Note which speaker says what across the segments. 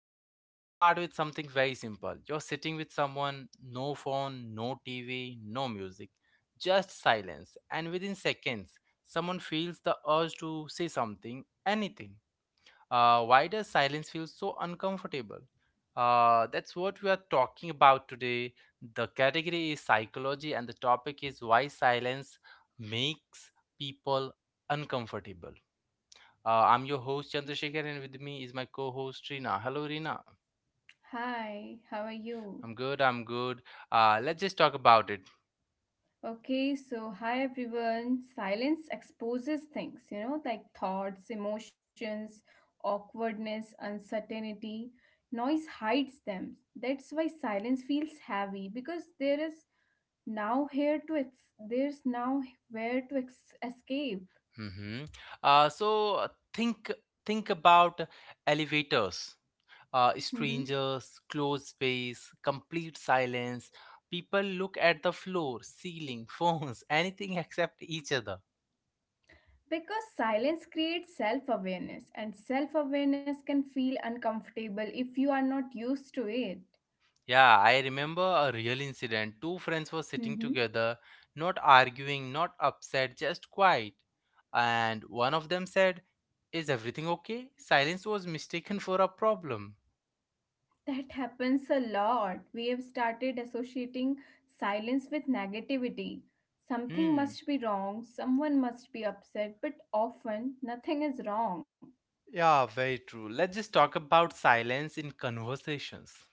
Speaker 1: Let me start with something very simple. You're sitting with someone, no phone, no TV, no music, just silence. And within seconds, someone feels the urge to say something, anything. Why does silence feel so uncomfortable? That's what we are talking about today. The category is psychology, and the topic is why silence makes people uncomfortable. I'm your host Chandrasekhar, and with me is my co-host Rina. Hello, Rina.
Speaker 2: Hi, how are you?
Speaker 1: I'm good. I'm good. Let's just talk about it.
Speaker 2: Okay, so hi everyone. Silence exposes things, you know, like thoughts, emotions, awkwardness, uncertainty. Noise hides them. That's why silence feels heavy because there's now where to escape.
Speaker 1: Hmm. So uh, think think about elevators,
Speaker 2: Mhm.
Speaker 1: strangers, closed space, complete silence. People look at the floor, ceiling, phones, anything except each other.
Speaker 2: Because silence creates self awareness, and self awareness can feel uncomfortable if you are not used to it.
Speaker 1: Yeah, I remember a real incident. Two friends were sitting
Speaker 2: Mm-hmm.
Speaker 1: together, not arguing, not upset, just quiet. And one of them said, "Is everything okay?" Silence was mistaken for a problem.
Speaker 2: That happens a lot. We have started associating silence with negativity. Something
Speaker 1: Hmm.
Speaker 2: must be wrong, someone must be upset, but often nothing is wrong.
Speaker 1: Yeah, very true. Let's just talk about silence in conversations.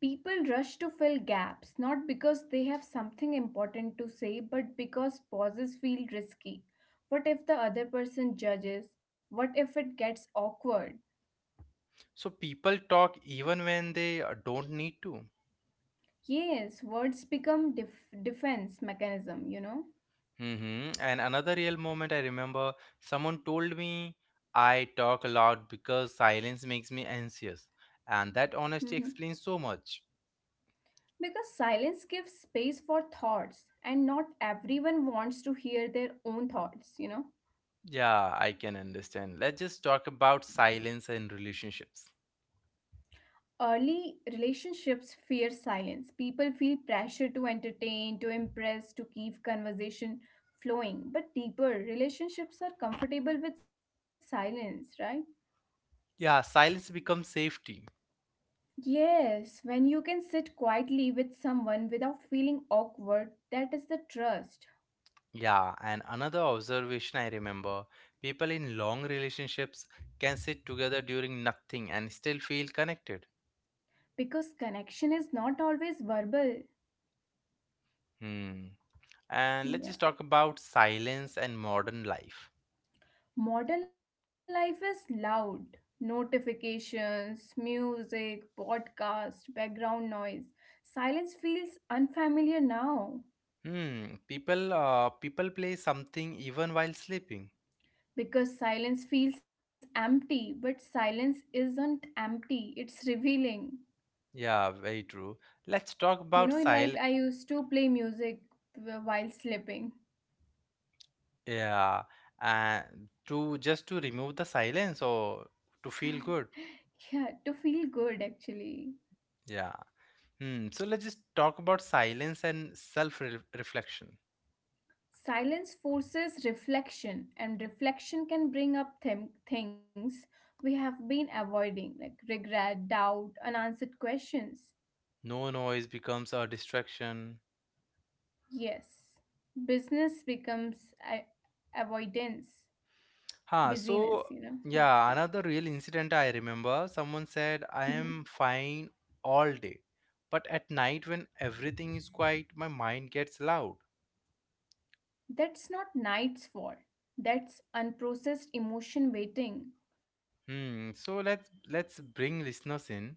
Speaker 2: People rush to fill gaps, not because they have something important to say, but because pauses feel risky. What if the other person judges? What if it gets awkward?
Speaker 1: So people talk even when they don't need to.
Speaker 2: Yes, words become defense mechanism, you know?
Speaker 1: Mhm. And another real moment I remember someone told me, "I talk a lot because silence makes me anxious." And that honesty
Speaker 2: Mm-hmm.
Speaker 1: explains so much.
Speaker 2: Because silence gives space for thoughts, and not everyone wants to hear their own thoughts, you know.
Speaker 1: Yeah, I can understand. Let's just talk about silence and relationships.
Speaker 2: Early relationships fear silence. People feel pressure to entertain, to impress, to keep conversation flowing. But deeper relationships are comfortable with silence, right?
Speaker 1: Yeah, silence becomes safety.
Speaker 2: Yes, when you can sit quietly with someone without feeling awkward, that is the trust.
Speaker 1: Yeah, and another observation I remember, people in long relationships can sit together during nothing and still feel connected.
Speaker 2: Because connection is not always verbal.
Speaker 1: Hmm. And let's just talk about silence and modern life.
Speaker 2: Modern life is loud. Notifications, music, podcast, background noise. Silence feels unfamiliar now
Speaker 1: Hmm, people play something even while sleeping.
Speaker 2: because silence feels empty, but silence isn't empty, it's revealing.
Speaker 1: Yeah, very true. Let's talk
Speaker 2: You
Speaker 1: about
Speaker 2: know,
Speaker 1: sil
Speaker 2: like I used to play music while sleeping.
Speaker 1: Yeah, and to just to remove the silence or to feel good.
Speaker 2: Yeah, to feel good actually.
Speaker 1: Yeah. Hmm, so let's just talk about silence and self-reflection.
Speaker 2: Silence forces reflection, and reflection can bring up them things we have been avoiding, like regret, doubt, unanswered questions.
Speaker 1: No noise becomes a distraction.
Speaker 2: Yes, business becomes avoidance,
Speaker 1: So
Speaker 2: busyness, you know. Yeah.
Speaker 1: yeah, another real incident I remember, someone said, "I
Speaker 2: Mhm.
Speaker 1: am fine all day. But at night, when everything is quiet, my mind gets loud."
Speaker 2: That's not night's fault, that's unprocessed emotion waiting.
Speaker 1: Hmm. So let's bring listeners in.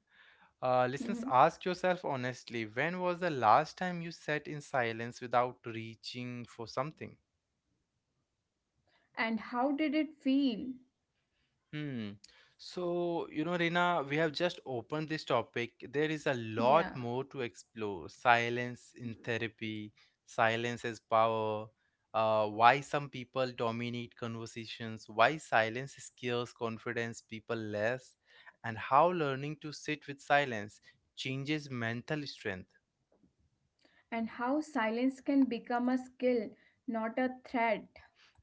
Speaker 1: Listeners,
Speaker 2: Mhm.
Speaker 1: ask yourself honestly: when was the last time you sat in silence without reaching for something?
Speaker 2: And how did it feel?
Speaker 1: Hmm. So, Reena, we have just opened this topic. There is a lot
Speaker 2: Yeah.
Speaker 1: more to explore. Silence in therapy, silence as power, why some people dominate conversations, why silence scares confidence people less, and how learning to sit with silence changes mental strength.
Speaker 2: And how silence can become a skill, not a threat.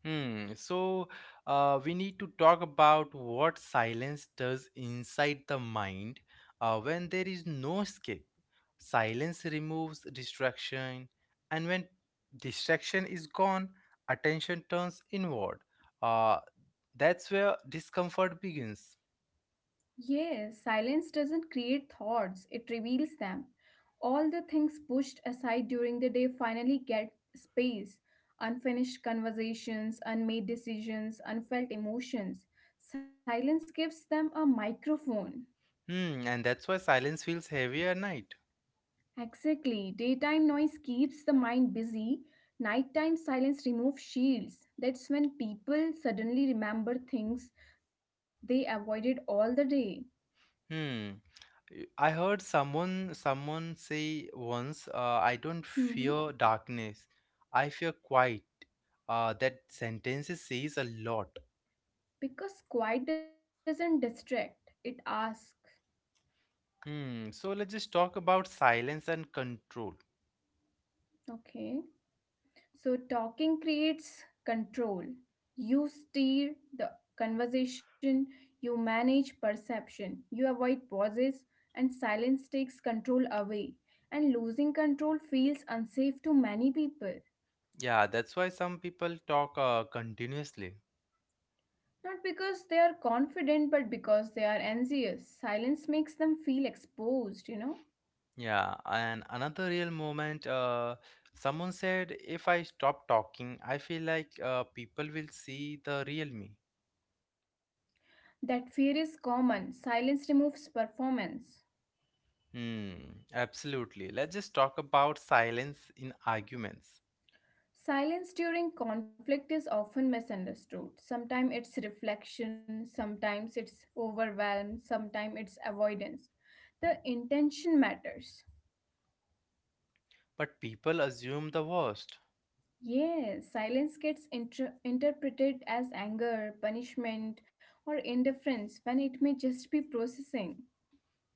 Speaker 1: Hmm. So we need to talk about what silence does inside the mind when there is no escape. Silence removes distraction, and when distraction is gone, attention turns inward. Uh, that's where discomfort begins.
Speaker 2: Yes, silence doesn't create thoughts, it reveals them. All the things pushed aside during the day finally get space. Unfinished conversations, unmade decisions, unfelt emotions. Silence gives them a microphone.
Speaker 1: Hmm. And that's why silence feels heavy at night.
Speaker 2: Exactly. Daytime noise keeps the mind busy. Nighttime silence removes shields. That's when people suddenly remember things they avoided all the day.
Speaker 1: Hmm. I heard someone say once, "I don't
Speaker 2: Mhm.
Speaker 1: fear darkness. I fear quiet." That sentence says a lot.
Speaker 2: Because quiet doesn't distract, it asks.
Speaker 1: Hmm. So let's just talk about silence and control.
Speaker 2: Okay. So talking creates control. You steer the conversation, you manage perception, you avoid pauses, and silence takes control away. And losing control feels unsafe to many people.
Speaker 1: Yeah, that's why some people talk continuously.
Speaker 2: Not because they are confident, but because they are anxious. Silence makes them feel exposed, you know?
Speaker 1: Yeah, and another real moment. Someone said, "If I stop talking, I feel like people will see the real me."
Speaker 2: That fear is common. Silence removes performance.
Speaker 1: Hmm. Absolutely. Let's just talk about silence in arguments.
Speaker 2: Silence during conflict is often misunderstood. Sometimes it's reflection, sometimes it's overwhelm, sometimes it's avoidance. The intention matters.
Speaker 1: But people assume the worst.
Speaker 2: Yes, silence gets interpreted as anger, punishment, or indifference when it may just be processing.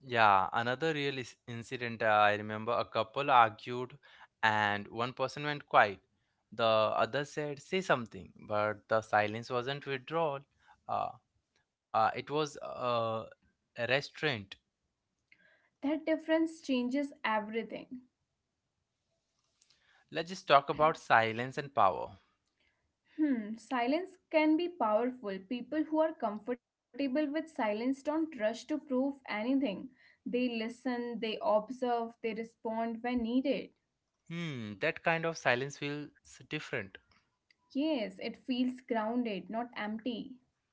Speaker 1: Yeah, another real incident. I remember a couple argued and one person went quiet. The other said, "Say something," but the silence wasn't withdrawal. Uh, it was a restraint.
Speaker 2: That difference changes everything.
Speaker 1: Let's just talk about silence and power.
Speaker 2: Hmm, silence can be powerful. People who are comfortable with silence don't rush to prove anything. They listen, they observe, they respond when needed.
Speaker 1: Hmm, that kind of silence feels different.
Speaker 2: Yes, it feels grounded, not empty.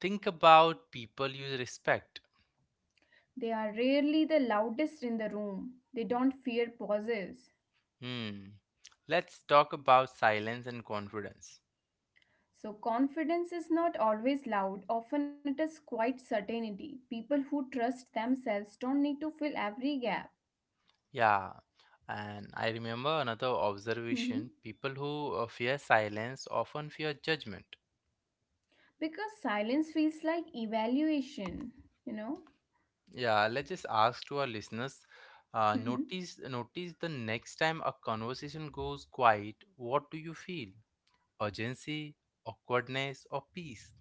Speaker 1: Think about people you respect.
Speaker 2: They are rarely the loudest in the room. They don't fear pauses.
Speaker 1: Hmm, let's talk about silence and confidence.
Speaker 2: So, confidence is not always loud, often it is quite certainty. People who trust themselves don't need to fill every gap.
Speaker 1: Yeah, and I remember another observation: people who fear silence often fear judgment.
Speaker 2: Because silence feels like evaluation, you know?
Speaker 1: Yeah, let's just ask to our listeners,
Speaker 2: Mhm.
Speaker 1: notice the next time a conversation goes quiet, what do you feel? Urgency, awkwardness, or peace?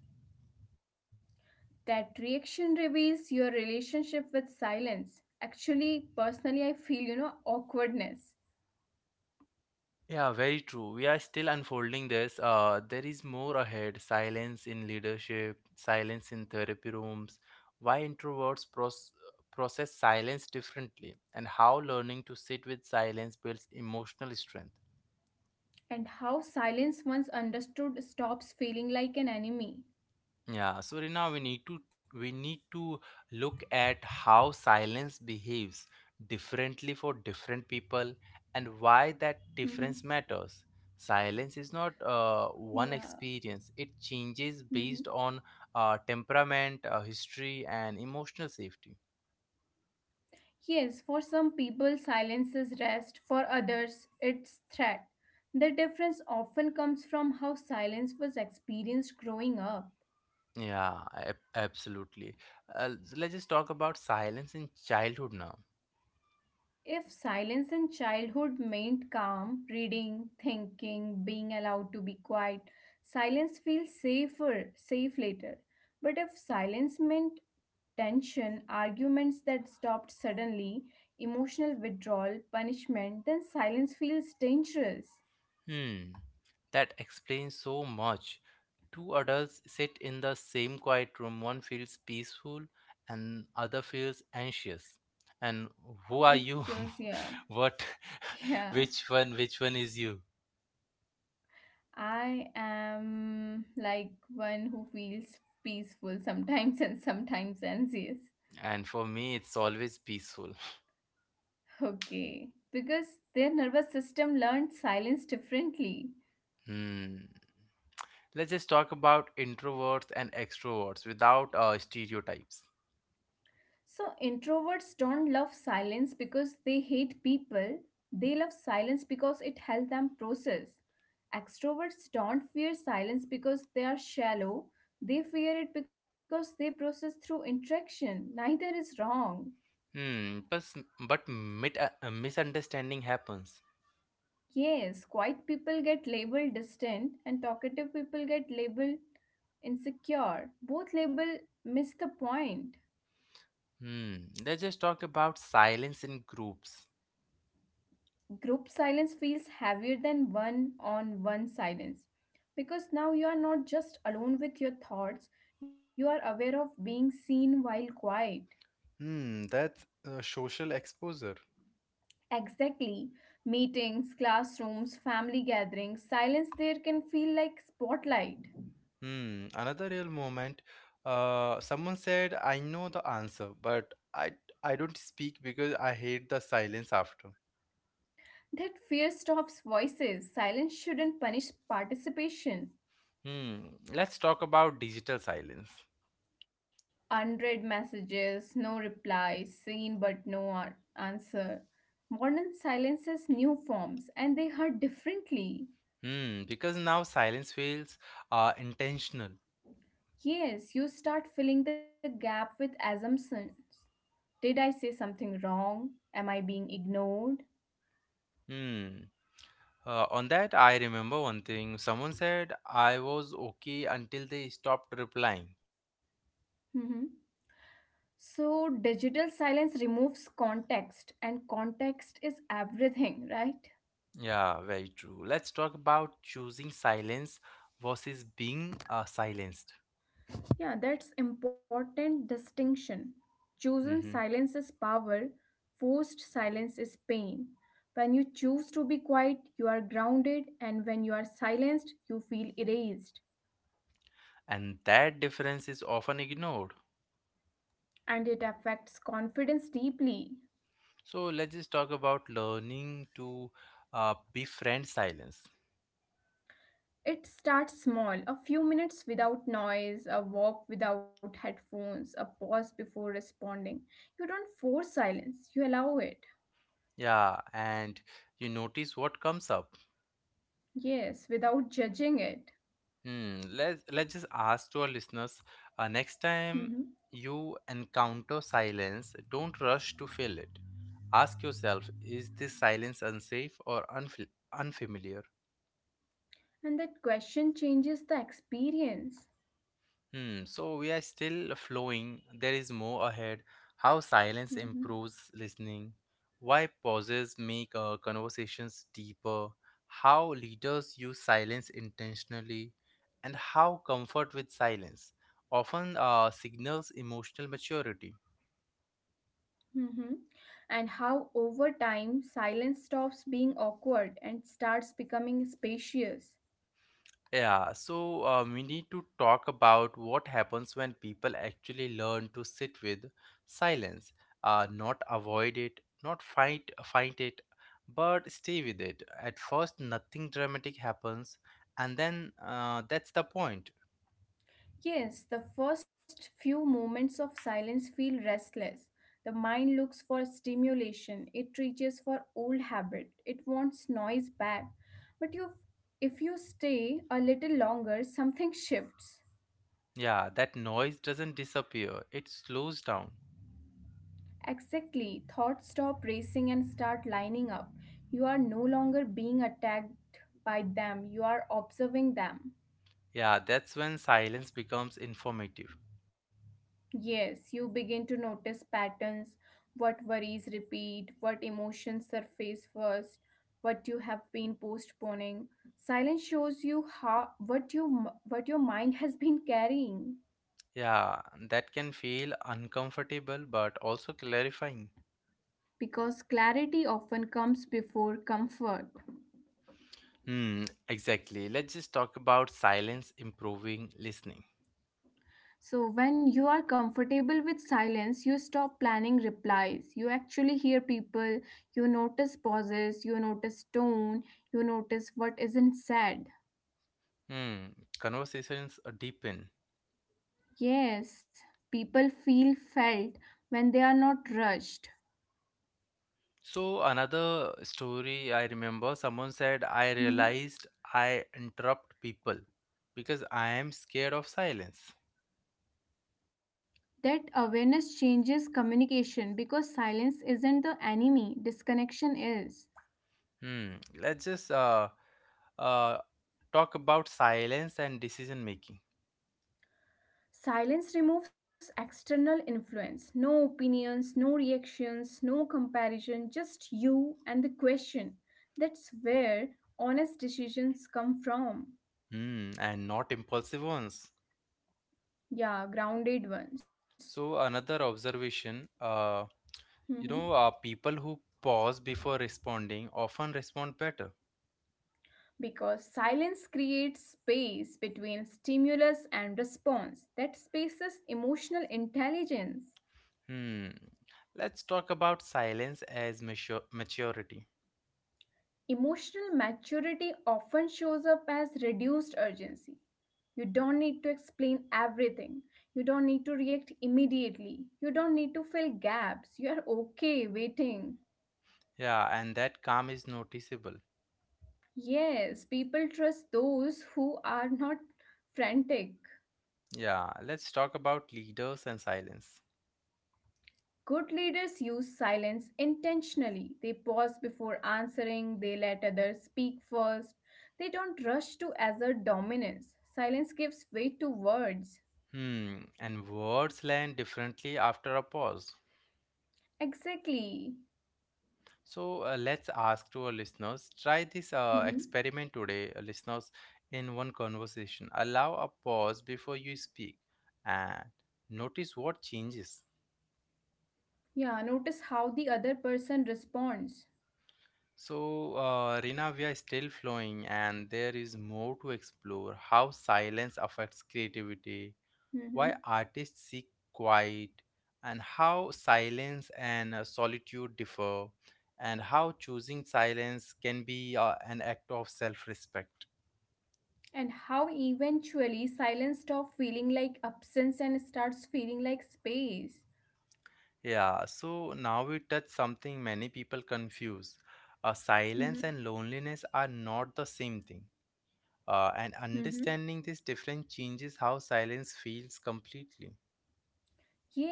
Speaker 2: That reaction reveals your relationship with silence. Actually, personally, I feel, you know, awkwardness.
Speaker 1: Yeah, very true. We are still unfolding this. There is more ahead. Silence in leadership, silence in therapy rooms, why introverts process silence differently, and how learning to sit with silence builds emotional strength.
Speaker 2: And how silence, once understood, stops feeling like an enemy.
Speaker 1: Yeah, so now we need to look at how silence behaves differently for different people and why that
Speaker 2: Mhm.
Speaker 1: difference matters. Silence is not one
Speaker 2: Yeah.
Speaker 1: experience. It changes
Speaker 2: Mhm.
Speaker 1: based on temperament, history, and emotional safety.
Speaker 2: Yes, for some people, silence is rest, for others, it's threat. The difference often comes from how silence was experienced growing up.
Speaker 1: Yeah, absolutely. Let's just talk about silence in childhood now.
Speaker 2: If silence in childhood meant calm, reading, thinking, being allowed to be quiet, silence feels safer, safe later. But if silence meant tension, arguments that stopped suddenly, emotional withdrawal, punishment, then silence feels dangerous.
Speaker 1: Hmm, that explains so much. Two adults sit in the same quiet room. One feels peaceful and other feels anxious. And who are you?
Speaker 2: Because, yeah,
Speaker 1: What?
Speaker 2: yeah,
Speaker 1: Which one is you?
Speaker 2: I am like one who feels peaceful sometimes and sometimes anxious.
Speaker 1: And for me it's always peaceful.
Speaker 2: Okay, because their nervous system learns silence differently.
Speaker 1: Hmm. Let's just talk about introverts and extroverts without stereotypes.
Speaker 2: So, introverts don't love silence because they hate people, they love silence because it helps them process. Extroverts don't fear silence because they are shallow, they fear it because they process through interaction. Neither is wrong.
Speaker 1: Hmm, but misunderstanding happens.
Speaker 2: Yes, quiet people get labeled distant and talkative people get labeled insecure. Both label miss the point.
Speaker 1: Hmm. Let's just talk about silence in groups.
Speaker 2: Group silence feels heavier than one on one silence because now you are not just alone with your thoughts, you are aware of being seen while quiet.
Speaker 1: Hmm, that's social exposure.
Speaker 2: Exactly. Meetings, classrooms, family gatherings, silence there can feel like spotlight.
Speaker 1: Hmm, another real moment. Someone said, "I know the answer, but I don't speak because I hate the silence after."
Speaker 2: That fear stops voices. Silence shouldn't punish participation.
Speaker 1: Hmm, let's talk about digital silence.
Speaker 2: Unread messages, no replies, seen but no answer. Modern silence has new forms and they hurt differently.
Speaker 1: Hmm, because now silence feels intentional.
Speaker 2: Yes, you start filling the gap with assumptions. Did I say something wrong? Am I being ignored?
Speaker 1: Hmm. On that, I remember one thing. Someone said, "I was okay until they stopped replying."
Speaker 2: Hmm. So, digital silence removes context, and context is everything, right?
Speaker 1: Yeah, very true. Let's talk about choosing silence versus being silenced.
Speaker 2: Yeah, that's important distinction. Chosen
Speaker 1: Hmm.
Speaker 2: silence is power, forced silence is pain. When you choose to be quiet, you are grounded, and when you are silenced, you feel erased.
Speaker 1: And that difference is often ignored.
Speaker 2: And it affects confidence deeply.
Speaker 1: So let's just talk about learning to befriend silence.
Speaker 2: It starts small, a few minutes without noise, a walk without headphones, a pause before responding. You don't force silence, you allow it.
Speaker 1: Yeah, and you notice what comes up.
Speaker 2: Yes, without judging it.
Speaker 1: Hmm. Let's just ask to our listeners, next time you encounter silence, don't rush to fill it. Ask yourself: is this silence unsafe or unfamiliar?
Speaker 2: And that question changes the experience.
Speaker 1: Hmm, so we are still flowing. There is more ahead. How silence
Speaker 2: Hmm.
Speaker 1: improves listening. Why pauses make conversations deeper. How leaders use silence intentionally. And how comfort with silence often signals emotional maturity.
Speaker 2: Hmm. And how over time silence stops being awkward and starts becoming spacious.
Speaker 1: Yeah, so we need to talk about what happens when people actually learn to sit with silence, not avoid it, not fight it, but stay with it. At first, nothing dramatic happens, and then that's the point.
Speaker 2: Yes, the first few moments of silence feel restless. The mind looks for stimulation, it reaches for old habit, it wants noise back. But you, if you stay a little longer, something shifts.
Speaker 1: Yeah, that noise doesn't disappear; it slows down.
Speaker 2: Exactly. Thoughts stop racing and start lining up. You are no longer being attacked by them, you are observing them.
Speaker 1: Yeah, that's when silence becomes informative.
Speaker 2: Yes, you begin to notice patterns, what worries repeat, what emotions surface first, what you have been postponing. Silence shows you how what you what your mind has been carrying
Speaker 1: Yeah, that can feel uncomfortable but also clarifying.
Speaker 2: because clarity often comes before comfort.
Speaker 1: Hmm, exactly. Let's just talk about silence improving listening.
Speaker 2: So, when you are comfortable with silence, you stop planning replies. You actually hear people, you notice pauses, you notice tone, you notice what isn't said.
Speaker 1: Hmm, conversations are deepen.
Speaker 2: Yes, people feel felt when they are not rushed.
Speaker 1: So, another story I remember, someone said, "I
Speaker 2: Mhm.
Speaker 1: realized I interrupt people because I am scared of silence."
Speaker 2: That awareness changes communication because silence isn't the enemy, disconnection is.
Speaker 1: Hmm, let's just uh, talk about silence and decision making.
Speaker 2: Silence removes external influence. No opinions, no reactions, no comparison, just you and the question. That's where honest decisions come from.
Speaker 1: Hmm, and not impulsive ones.
Speaker 2: Yeah, grounded ones.
Speaker 1: So, another observation.
Speaker 2: Mhm.
Speaker 1: People who pause before responding often respond better.
Speaker 2: Because silence creates space between stimulus and response. That space is emotional intelligence.
Speaker 1: Hmm. Let's talk about silence as maturity.
Speaker 2: Emotional maturity often shows up as reduced urgency. You don't need to explain everything. You don't need to react immediately. You don't need to fill gaps. You are okay waiting.
Speaker 1: Yeah, and that calm is noticeable.
Speaker 2: Yes, people trust those who are not frantic.
Speaker 1: Yeah, let's talk about leaders and silence.
Speaker 2: Good leaders use silence intentionally. They pause before answering, they let others speak first. They don't rush to assert dominance. Silence gives way to words.
Speaker 1: Hmm. And words land differently after a pause.
Speaker 2: Exactly.
Speaker 1: So let's ask to our listeners, try this
Speaker 2: Hmm.
Speaker 1: experiment today, listeners, in one conversation. Allow a pause before you speak and notice what changes.
Speaker 2: Yeah, notice how the other person responds.
Speaker 1: So, Rina, we are still flowing, and there is more to explore: how silence affects creativity, why
Speaker 2: Hmm.
Speaker 1: artists seek quiet, and how silence and solitude differ, and how choosing silence can be an act of self respect.
Speaker 2: And how eventually silence stops feeling like absence and starts feeling like space.
Speaker 1: Yeah, so now we touch something many people confuse. Silence
Speaker 2: Hmm.
Speaker 1: and loneliness are not the same thing. And
Speaker 2: Hmm.
Speaker 1: understanding this difference changes how silence feels completely.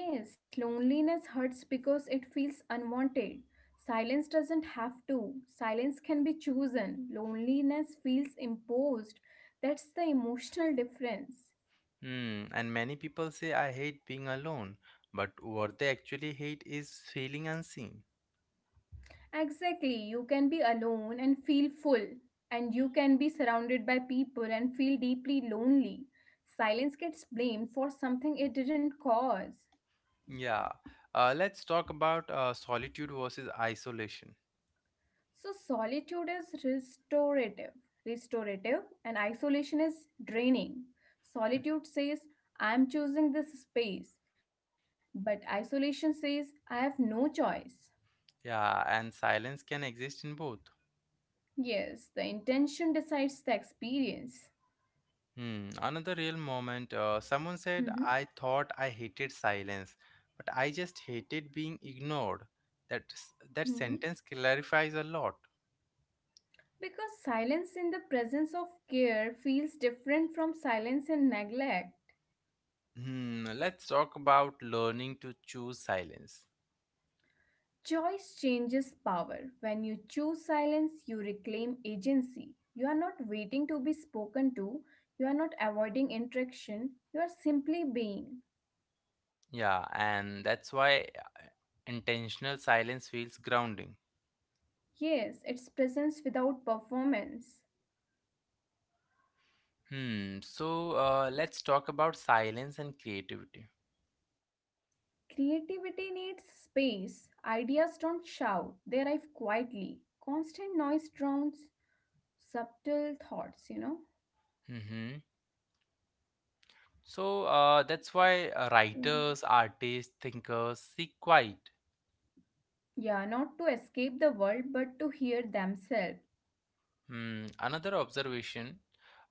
Speaker 2: Yes, loneliness hurts because it feels unwanted. Silence doesn't have to. Silence can be chosen. Loneliness feels imposed. That's the emotional difference.
Speaker 1: Hmm, and many people say, "I hate being alone," but what they actually hate is feeling unseen.
Speaker 2: Exactly. You can be alone and feel full, and you can be surrounded by people and feel deeply lonely. Silence gets blamed for something it didn't cause.
Speaker 1: Yeah, let's talk about solitude versus isolation.
Speaker 2: So, solitude is restorative, and isolation is draining. Solitude says, I am choosing this space, but isolation says, I have no choice.
Speaker 1: Yeah, and silence can exist in both.
Speaker 2: Yes, the intention decides the experience.
Speaker 1: Hmm, another real moment. Someone said, "I
Speaker 2: Hmm.
Speaker 1: thought I hated silence, but I just hated being ignored." That
Speaker 2: Hmm.
Speaker 1: sentence clarifies a lot.
Speaker 2: Because silence in the presence of care feels different from silence in neglect.
Speaker 1: Hmm, let's talk about learning to choose silence.
Speaker 2: Choice changes power. When you choose silence, you reclaim agency. You are not waiting to be spoken to, you are not avoiding interaction, you are simply being.
Speaker 1: Yeah, and that's why intentional silence feels grounding.
Speaker 2: Yes, it's presence without performance.
Speaker 1: Hmm. So let's talk about silence and creativity.
Speaker 2: Creativity needs space. Ideas don't shout, they arrive quietly. Constant noise drowns subtle thoughts, you know.
Speaker 1: Mm-hmm. So that's why writers, artists, thinkers seek quiet.
Speaker 2: Yeah, not to escape the world but to hear themselves.
Speaker 1: Hmm. Another observation.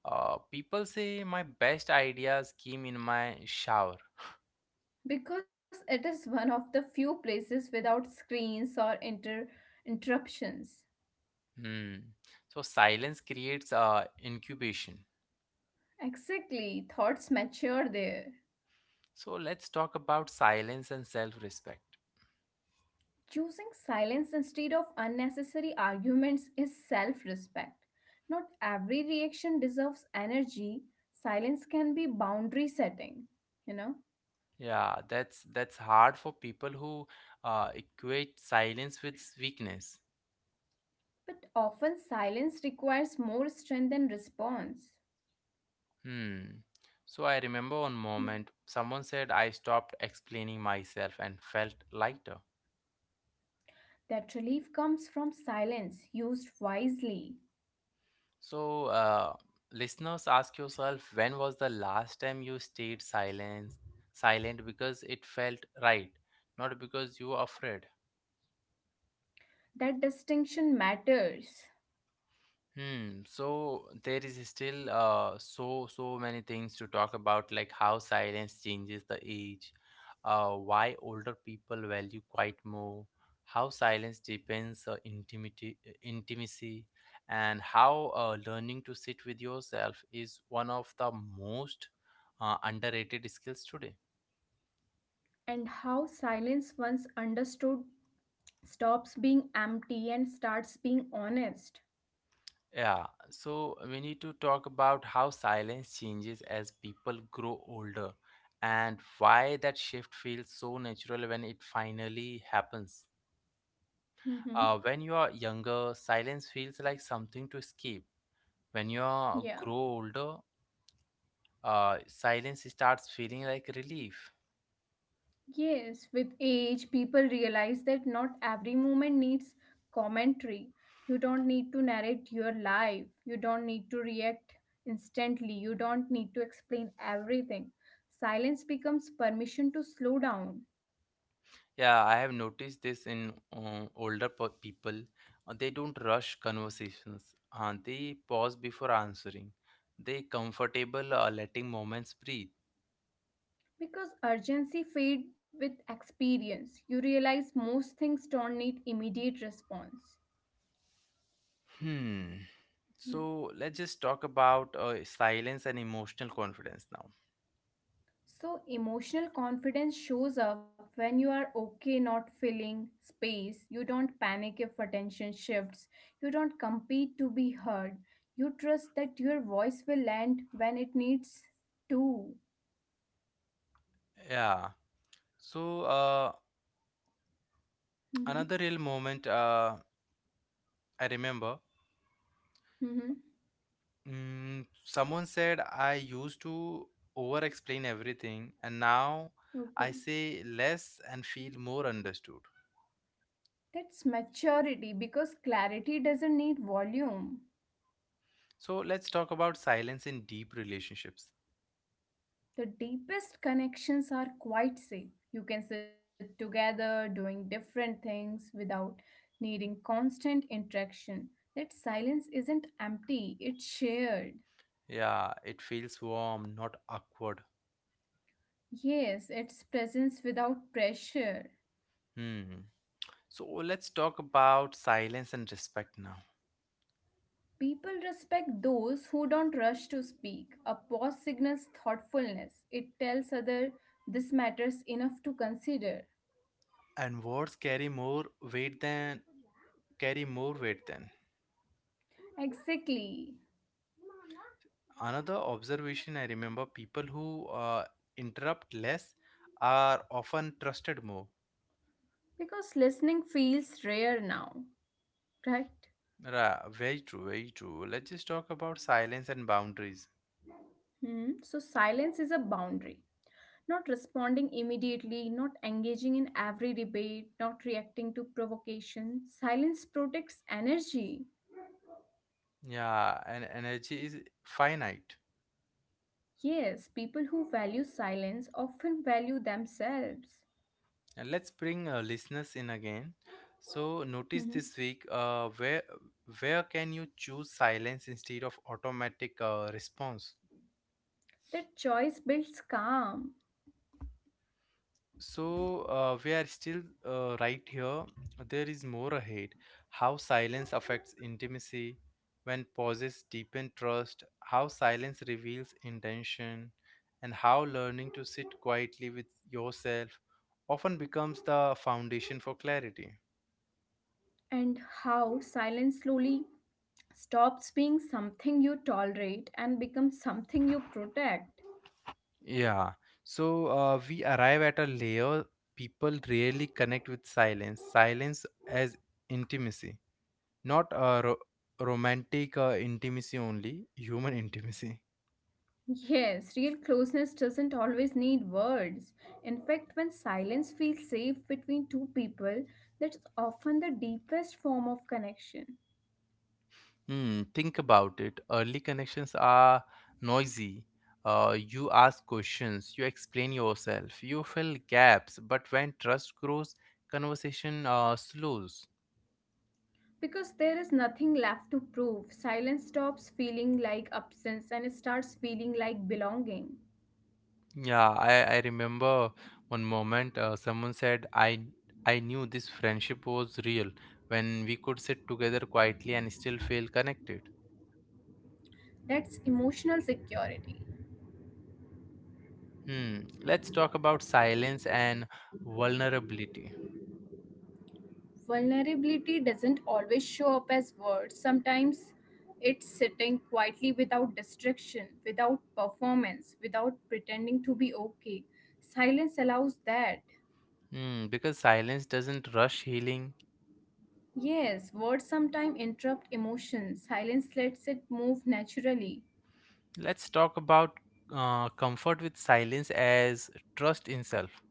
Speaker 1: People say, "My best ideas came in my shower."
Speaker 2: Because it is one of the few places without screens or interruptions.
Speaker 1: Hmm. So silence creates incubation.
Speaker 2: Exactly, thoughts mature there.
Speaker 1: So let's talk about silence and self-respect.
Speaker 2: Choosing silence instead of unnecessary arguments is self respect. Not every reaction deserves energy. Silence can be boundary setting, you know,
Speaker 1: Yeah, that's hard for people who equate silence with weakness.
Speaker 2: but often silence requires more strength than response.
Speaker 1: Hmm. So I remember one moment, someone said, "I stopped explaining myself and felt lighter."
Speaker 2: That relief comes from silence used wisely.
Speaker 1: So, listeners, ask yourself, when was the last time you stayed silent, silent because it felt right, not because you were afraid?
Speaker 2: That distinction matters,
Speaker 1: Hmm. So there is still so many things to talk about, like how silence changes the age, why older people value quiet more, how silence deepens intimacy, and how learning to sit with yourself is one of the most underrated skills today.
Speaker 2: and how silence, once understood, stops being empty and starts being honest.
Speaker 1: Yeah, so we need to talk about how silence changes as people grow older and why that shift feels so natural when it finally happens.
Speaker 2: Hmm.
Speaker 1: When you are younger, silence feels like something to escape. When you are
Speaker 2: Yeah.
Speaker 1: grow older, silence starts feeling like relief.
Speaker 2: Yes, with age, people realize that not every moment needs commentary. You don't need to narrate your life, you don't need to react instantly, you don't need to explain everything. Silence becomes permission to slow down.
Speaker 1: Yeah, I have noticed this in older people. They don't rush conversations. They pause before answering. They comfortable letting moments breathe.
Speaker 2: Because urgency fades with experience, you realize most things don't need immediate response.
Speaker 1: Hmm.
Speaker 2: Hmm.
Speaker 1: So let's just talk about silence and emotional confidence now.
Speaker 2: So, emotional confidence shows up when you are okay not filling space, you don't panic if attention shifts, you don't compete to be heard, you trust that your voice will land when it needs to.
Speaker 1: Yeah. So uh,
Speaker 2: Hmm.
Speaker 1: another real moment, I remember,
Speaker 2: Hmm.
Speaker 1: Someone said, "I used to over explain everything, and now I
Speaker 2: Okay.
Speaker 1: say less and feel more understood."
Speaker 2: That's maturity because clarity doesn't need volume.
Speaker 1: So let's talk about silence in deep relationships.
Speaker 2: The deepest connections are quite safe. You can sit together doing different things without needing constant interaction. That silence isn't empty, it's shared.
Speaker 1: Yeah, it feels warm, not awkward.
Speaker 2: Yes, it's presence without pressure.
Speaker 1: Hmm. So let's talk about silence and respect now.
Speaker 2: People respect those who don't rush to speak. A pause signals thoughtfulness. It tells other this matters enough to consider.
Speaker 1: And words carry more weight than carry more weight than.
Speaker 2: Exactly.
Speaker 1: Another observation, I remember people who interrupt less are often trusted more.
Speaker 2: Because listening feels rare now, right?
Speaker 1: Very true, very true. Let's just talk about silence and boundaries.
Speaker 2: Hmm. So silence is a boundary. Not responding immediately, not engaging in every debate, not reacting to provocation. Silence protects energy.
Speaker 1: Yeah, and energy is finite.
Speaker 2: Yes, people who value silence often value themselves.
Speaker 1: And let's bring listeners in again. So notice
Speaker 2: Mhm.
Speaker 1: this week, where can you choose silence instead of automatic response?
Speaker 2: That choice builds calm.
Speaker 1: So we are still right here. There is more ahead. How silence affects intimacy, when pauses deepen trust, how silence reveals intention, and how learning to sit quietly with yourself often becomes the foundation for clarity.
Speaker 2: And how silence slowly stops being something you tolerate and becomes something you protect.
Speaker 1: Yeah. So we arrive at a layer people rarely connect with silence. Silence as intimacy. Not romantic intimacy only, human intimacy.
Speaker 2: Yes, real closeness doesn't always need words. In fact, when silence feels safe between two people, that's often the deepest form of connection.
Speaker 1: Hmm, think about it. Early connections are noisy. You ask questions, you explain yourself, you fill gaps, but when trust grows, conversation slows.
Speaker 2: Because there is nothing left to prove, silence stops feeling like absence and it starts feeling like belonging.
Speaker 1: Yeah, I remember one moment, someone said, I knew this friendship was real when we could sit together quietly and still feel connected.
Speaker 2: That's emotional security.
Speaker 1: Hmm. Let's talk about silence and vulnerability.
Speaker 2: Vulnerability doesn't always show up as words. Sometimes it's sitting quietly without distraction, without performance, without pretending to be okay. Silence allows that.
Speaker 1: Hmm. Because silence doesn't rush healing.
Speaker 2: Yes, words sometimes interrupt emotion. Silence lets it move naturally.
Speaker 1: Let's talk about comfort with silence as trust in self.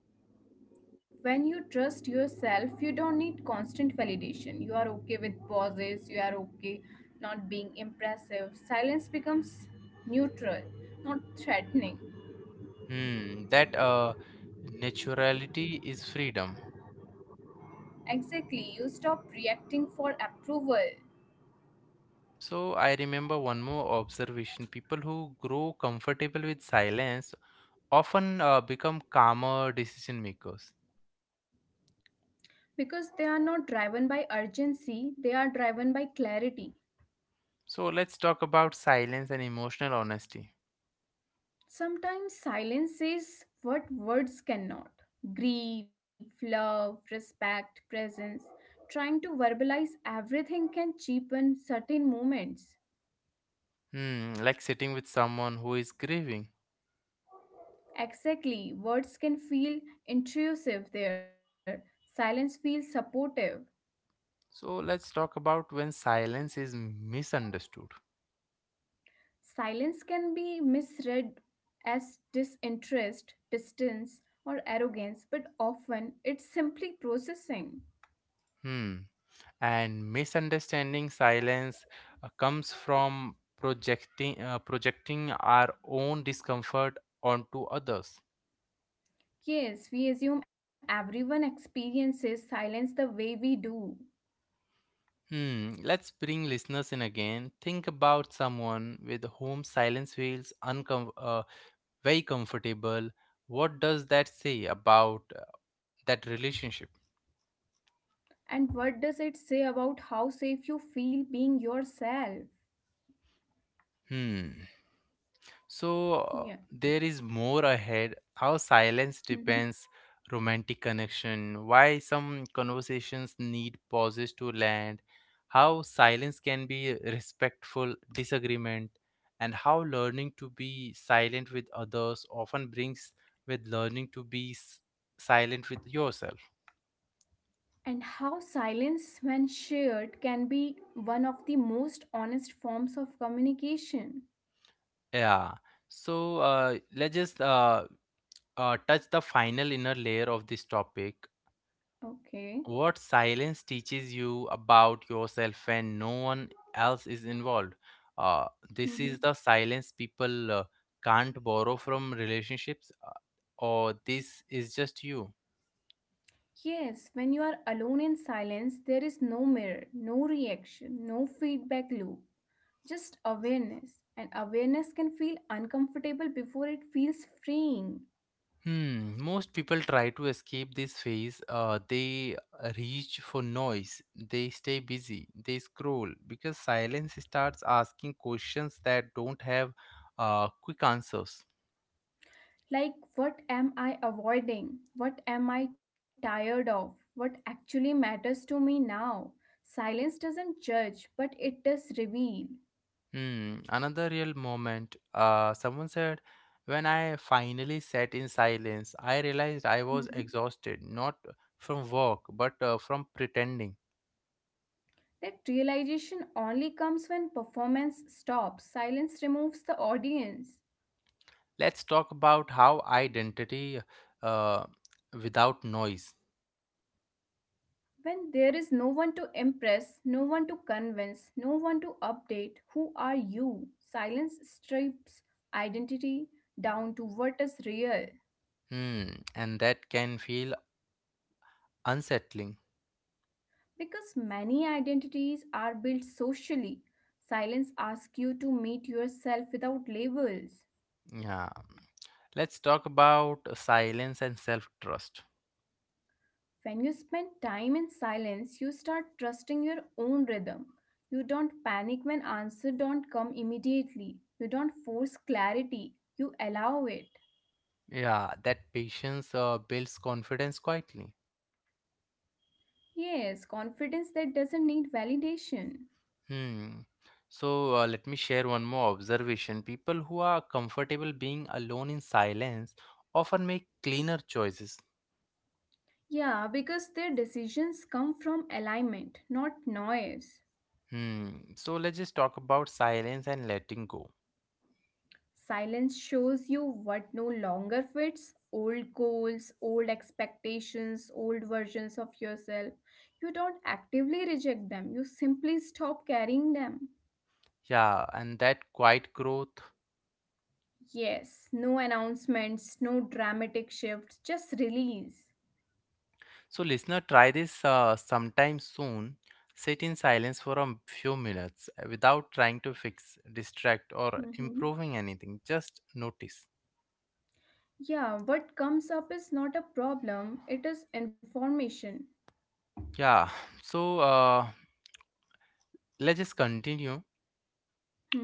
Speaker 2: When you trust yourself, you don't need constant validation. You are okay with pauses, you are okay not being impressive. Silence becomes neutral, not threatening.
Speaker 1: Hmm. That naturality is freedom.
Speaker 2: Exactly, you stop reacting for approval
Speaker 1: So I remember one more observation. People who grow comfortable with silence often become calmer decision makers.
Speaker 2: because they are not driven by urgency, they are driven by clarity.
Speaker 1: So let's talk about silence and emotional honesty.
Speaker 2: Sometimes silence says what words cannot: grief, love, respect, presence. Trying to verbalize everything can cheapen certain moments.
Speaker 1: Hmm, like sitting with someone who is grieving.
Speaker 2: Exactly, words can feel intrusive there, silence feels supportive.
Speaker 1: So let's talk about when silence is misunderstood.
Speaker 2: Silence can be misread as disinterest, distance, or arrogance, but often it's simply processing.
Speaker 1: Hmm. And misunderstanding silence comes from projecting our own discomfort onto others.
Speaker 2: Yes, we assume everyone experiences silence the way we do.
Speaker 1: Hmm. Let's bring listeners in again. Think about someone with whom silence feels very comfortable. What does that say about that relationship?
Speaker 2: And what does it say about how safe you feel being yourself?
Speaker 1: Hmm. So
Speaker 2: Yeah.
Speaker 1: there is more ahead. How silence
Speaker 2: Mhm.
Speaker 1: depends romantic connection. Why some conversations need pauses to land. How silence can be respectful disagreement, and how learning to be silent with others often brings with learning to be s- silent with yourself.
Speaker 2: And how silence, when shared, can be one of the most honest forms of communication.
Speaker 1: Yeah. So let's just touch the final inner layer of this topic.
Speaker 2: Okay.
Speaker 1: What silence teaches you about yourself when no one else is involved. This
Speaker 2: Mm-hmm.
Speaker 1: is the silence people can't borrow from relationships, or this is just you.
Speaker 2: Yes, when you are alone in silence, there is no mirror, no reaction, no feedback loop, just awareness. And awareness can feel uncomfortable before it feels freeing.
Speaker 1: Hmm, most people try to escape this phase. They reach for noise, they stay busy, they scroll because silence starts asking questions that don't have quick answers.
Speaker 2: Like, what am I avoiding? What am I tired of? What actually matters to me now? Silence doesn't judge, but it does reveal.
Speaker 1: Hmm, another real moment. Someone said, when I finally sat in silence, I realized I was
Speaker 2: Mhm.
Speaker 1: exhausted, not from work, but from pretending.
Speaker 2: That realization only comes when performance stops. Silence removes the audience.
Speaker 1: Let's talk about how identity uh, without noise.
Speaker 2: When there is no one to impress, no one to convince, no one to update, who are you? Silence strips identity down to what is real.
Speaker 1: Hmm, and that can feel unsettling.
Speaker 2: Because many identities are built socially, silence asks you to meet yourself without labels.
Speaker 1: Yeah. Let's talk about silence and self trust.
Speaker 2: When you spend time in silence, you start trusting your own rhythm. You don't panic when answers don't come immediately. You don't force clarity. You allow it.
Speaker 1: Yeah, that patience builds confidence quietly.
Speaker 2: Yes, confidence that doesn't need validation.
Speaker 1: Hmm. So let me share one more observation. People who are comfortable being alone in silence often make cleaner choices.
Speaker 2: Yeah, because their decisions come from alignment, not noise.
Speaker 1: Hmm. So let's just talk about silence and letting go.
Speaker 2: Silence shows you what no longer fits old goals, old expectations, old versions of yourself. You don't actively reject them, you simply stop carrying them.
Speaker 1: Yeah, and that quiet growth.
Speaker 2: Yes, no announcements, no dramatic shifts, just release.
Speaker 1: So listener, try this sometime soon. Sit in silence for a few minutes without trying to fix, distract, or
Speaker 2: Mhm.
Speaker 1: improving anything. Just notice.
Speaker 2: Yeah, what comes up is not a problem, it is information.
Speaker 1: Yeah. So let's just continue,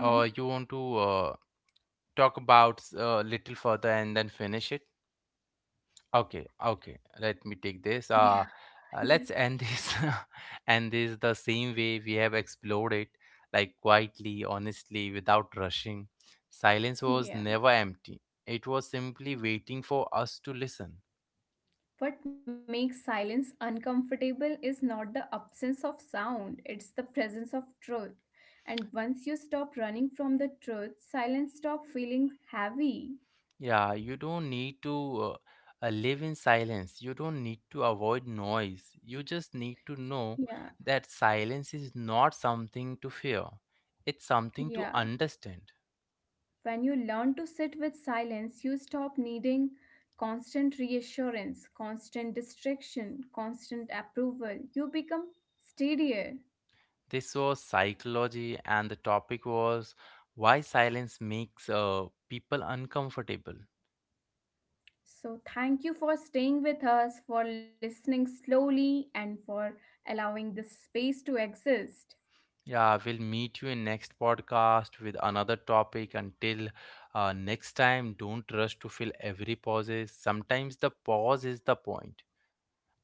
Speaker 1: or you want to talk about a little further and then finish it. Okay, okay, let me take this
Speaker 2: Yeah,
Speaker 1: let's
Speaker 2: yeah,
Speaker 1: end this and this the same way we have explored it, like quietly, honestly, without rushing. Silence was
Speaker 2: yeah.
Speaker 1: never empty, it was simply waiting for us to listen.
Speaker 2: What makes silence uncomfortable is not the absence of sound, it's the presence of truth. And once you stop running from the truth, silence stop feeling heavy.
Speaker 1: Yeah, you don't need to live in silence. You don't need to avoid noise. You just need to know
Speaker 2: Yeah,
Speaker 1: that silence is not something to fear, it's something to
Speaker 2: yeah.
Speaker 1: understand.
Speaker 2: When you learn to sit with silence, you stop needing constant reassurance, constant distraction, constant approval. You become steadier.
Speaker 1: This was psychology, and the topic was why silence makes people uncomfortable.
Speaker 2: So, thank you for staying with us, for listening slowly, and for allowing this space to exist.
Speaker 1: Yeah, we'll meet you in next podcast with another topic. Until next time, don't rush to fill every pauses. Sometimes the pause is the point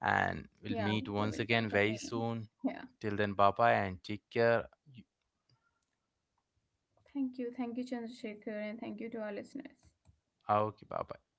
Speaker 1: and
Speaker 2: Yeah,
Speaker 1: we'll
Speaker 2: we
Speaker 1: meet
Speaker 2: will
Speaker 1: once
Speaker 2: talk
Speaker 1: again very
Speaker 2: again.
Speaker 1: soon.
Speaker 2: Yeah,
Speaker 1: Till then, bye bye and take care. You-
Speaker 2: thank you. Thank you, Chandrasekhar, and thank you to our listeners.
Speaker 1: Okay, bye bye.